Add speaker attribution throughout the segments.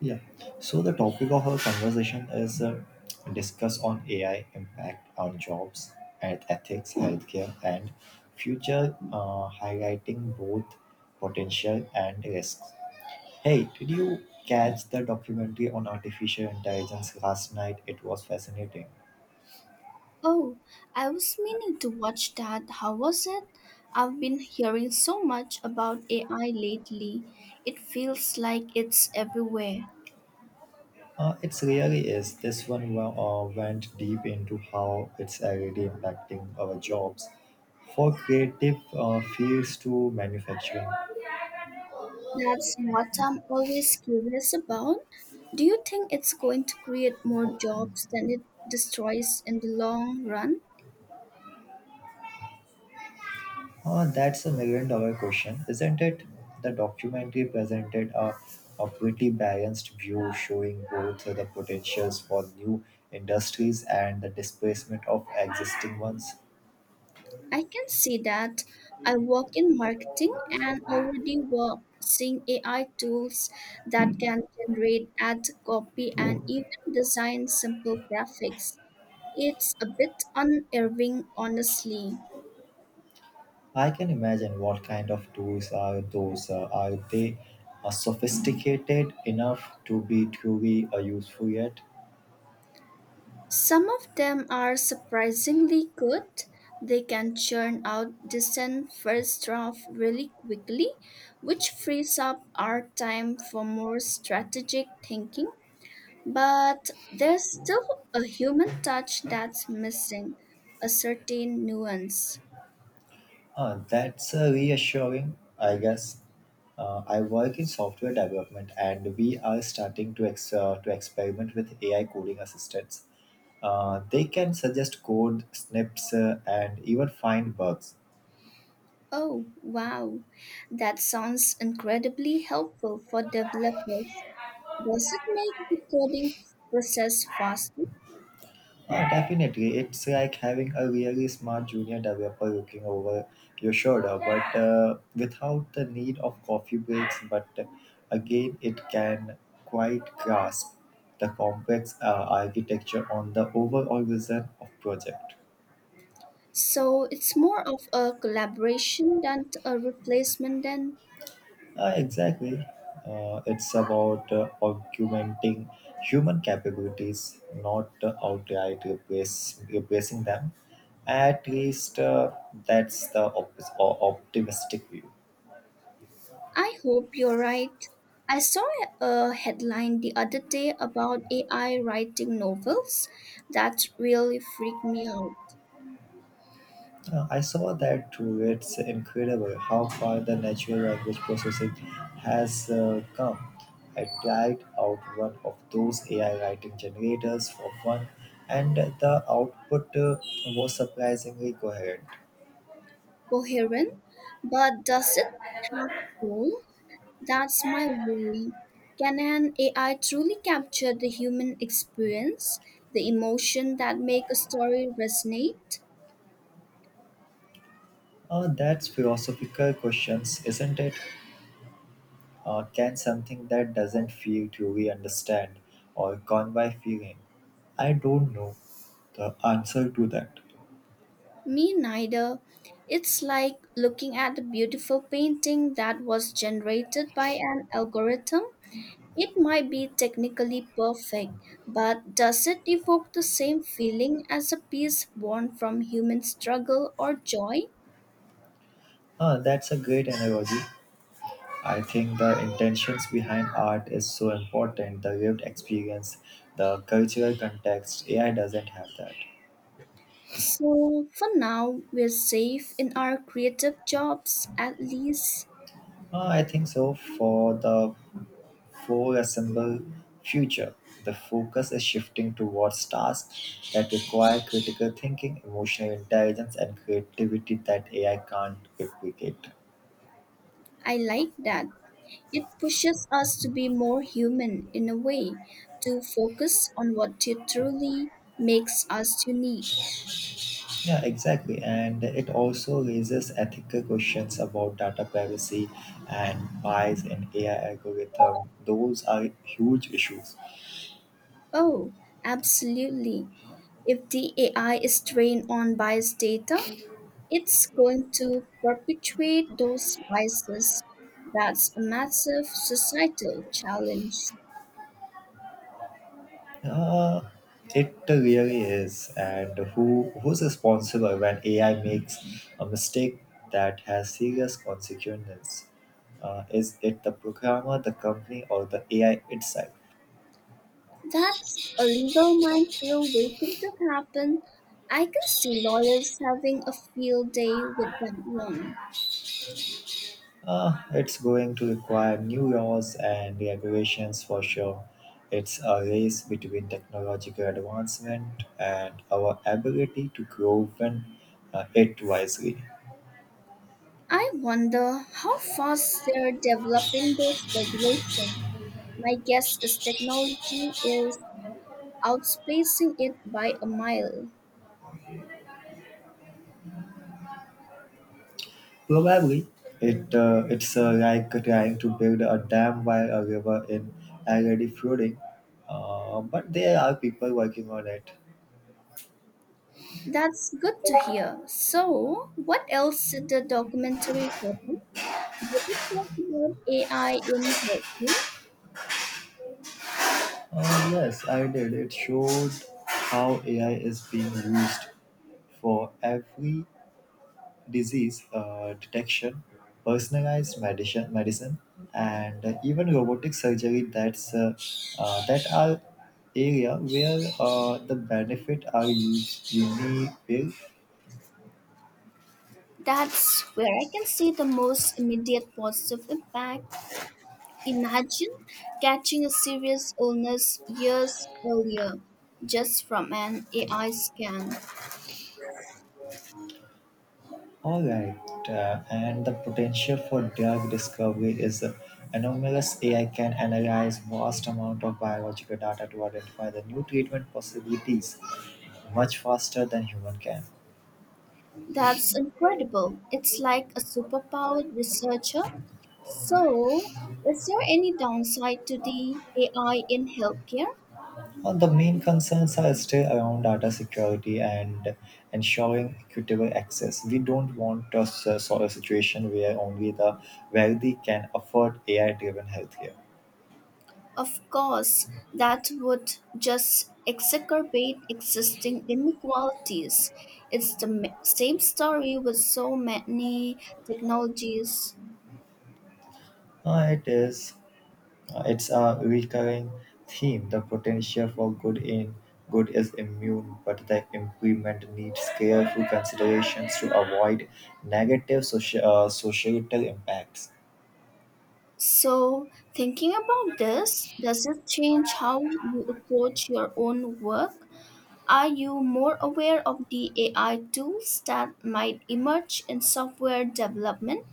Speaker 1: Yeah. So the topic of our conversation is discuss on AI impact on jobs and ethics, healthcare, and future, highlighting both potential and risks. Hey, did you catch the documentary on artificial intelligence last night? It was fascinating.
Speaker 2: Oh, I was meaning to watch that. How was it? I've been hearing so much about AI lately. It feels like it's everywhere.
Speaker 1: It really is. Went deep into how it's already impacting our jobs, for creative fields to manufacturing.
Speaker 2: That's what I'm always curious about. Do you think it's going to create more jobs than it destroys in the long run?
Speaker 1: That's a $1 million question, isn't it? The documentary presented a pretty balanced view showing both the potentials for new industries and the displacement of existing ones.
Speaker 2: I can see that. I work in marketing and already work seeing AI tools that can generate ad copy and even design simple graphics. It's a bit unnerving, honestly.
Speaker 1: I can imagine what kind of tools are those. Are they sophisticated enough to be truly useful yet?
Speaker 2: Some of them are surprisingly good. They can churn out decent first draft really quickly, which frees up our time for more strategic thinking. But there's still a human touch that's missing, a certain nuance.
Speaker 1: That's reassuring, I guess. I work in software development, and we are starting to to experiment with AI coding assistants. They can suggest code snips and even find bugs.
Speaker 2: Oh, wow. That sounds incredibly helpful for developers. Does it make the coding process faster?
Speaker 1: Yeah, definitely. It's like having a really smart junior developer looking over your shoulder, but without the need of coffee breaks. But again, it can quite grasp the complex architecture on the overall vision of project.
Speaker 2: So it's more of a collaboration than a replacement then.
Speaker 1: Exactly. It's about augmenting human capabilities, not outright replacing them. At least that's the optimistic view.
Speaker 2: I hope you're right. I saw a headline the other day about AI writing novels that really freaked me out.
Speaker 1: I saw that too. It's incredible how far the natural language processing has come. I tried out one of those AI writing generators for fun, and the output was surprisingly coherent.
Speaker 2: Coherent, but does it have soul? That's my worry. Can an AI truly capture the human experience, the emotion that make a story resonate?
Speaker 1: That's philosophical questions, isn't it? Can something that doesn't feel truly understand or gone by feeling? I don't know the answer to that.
Speaker 2: Me neither. It's like looking at a beautiful painting that was generated by an algorithm. It might be technically perfect, but does it evoke the same feeling as a piece born from human struggle or joy?
Speaker 1: That's a great analogy. I think the intentions behind art is so important, the lived experience, the cultural context. AI doesn't have that.
Speaker 2: So, for now, we're safe in our creative jobs, at least.
Speaker 1: I think so for the foreseeable future. The focus is shifting towards tasks that require critical thinking, emotional intelligence, and creativity that AI can't replicate.
Speaker 2: I like that. It pushes us to be more human in a way, to focus on what truly makes us unique.
Speaker 1: Yeah, exactly. And it also raises ethical questions about data privacy and bias in AI algorithm. Those are huge issues.
Speaker 2: Oh, absolutely. If the AI is trained on biased data, it's going to perpetuate those biases. That's a massive societal challenge.
Speaker 1: Uh, it really is. And who's responsible when AI makes a mistake that has serious consequences? Is it the programmer, the company, or the AI itself?
Speaker 2: That's a legal minefield waiting to happen. I can see lawyers having a field day with that one.
Speaker 1: It's going to require new laws and regulations for sure. It's a race between technological advancement and our ability to grow when, it wisely.
Speaker 2: I wonder how fast they're developing those regulations. My guess is technology is outspacing it by a mile.
Speaker 1: Probably, it's like trying to build a dam while a river in already flooding. But there are people working on it.
Speaker 2: That's good to hear. So, what else did the documentary cover? Did it talk about AI in healthcare?
Speaker 1: Yes, I did. It showed how AI is being used for every disease detection, personalized medicine, and even robotic surgery. That are area where the benefit are used unique.
Speaker 2: That's where I can see the most immediate positive impact. Imagine catching a serious illness years earlier just from an AI scan.
Speaker 1: Alright, and the potential for drug discovery is enormous. AI can analyze vast amount of biological data to identify the new treatment possibilities much faster than human can.
Speaker 2: That's incredible. It's like a superpowered researcher. So, is there any downside to the AI in healthcare?
Speaker 1: And the main concerns are still around data security and ensuring equitable access. We don't want sort of situation where only the wealthy can afford AI-driven healthcare.
Speaker 2: Of course, that would just exacerbate existing inequalities. It's the same story with so many technologies.
Speaker 1: Uh, it is It's a recurring theme. The potential for good in good is immune, but the implement needs careful considerations to avoid negative societal impacts.
Speaker 2: So, thinking about this, does it change how you approach your own work? Are you more aware of the AI tools that might emerge in software development?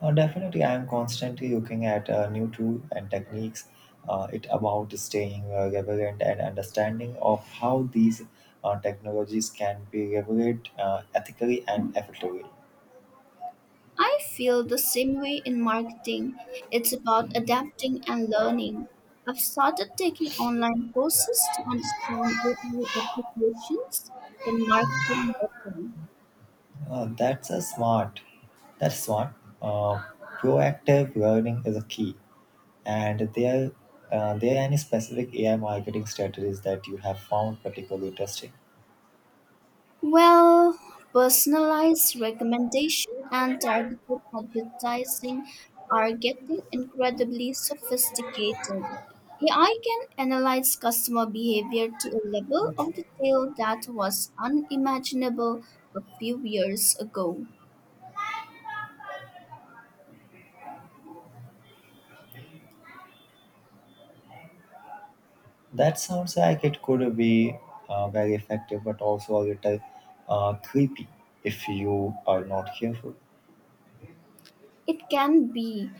Speaker 1: Definitely, I am constantly looking at new tools and techniques. It about staying relevant and understanding of how these technologies can be regulated ethically and effectively.
Speaker 2: I feel the same way in marketing. It's about adapting and learning. I've started taking online courses to understand AI applications in marketing better.
Speaker 1: That's a smart. That's smart. Uh, Proactive learning is a key. And there any specific AI marketing strategies that you have found particularly interesting?
Speaker 2: Well, personalized recommendation and targeted advertising are getting incredibly sophisticated. AI can analyze customer behavior to a level of detail that was unimaginable a few years ago.
Speaker 1: That sounds like it could be very effective, but also a little creepy if you are not careful.
Speaker 2: It can be.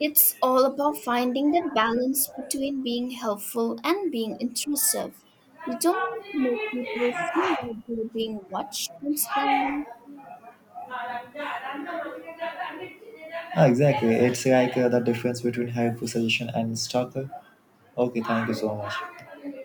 Speaker 2: It's all about finding the balance between being helpful and being intrusive. You don't want to make people feel like they're being watched constantly,
Speaker 1: Ah, exactly. It's like the difference between helpful suggestion and stalker. Okay, thank you so much.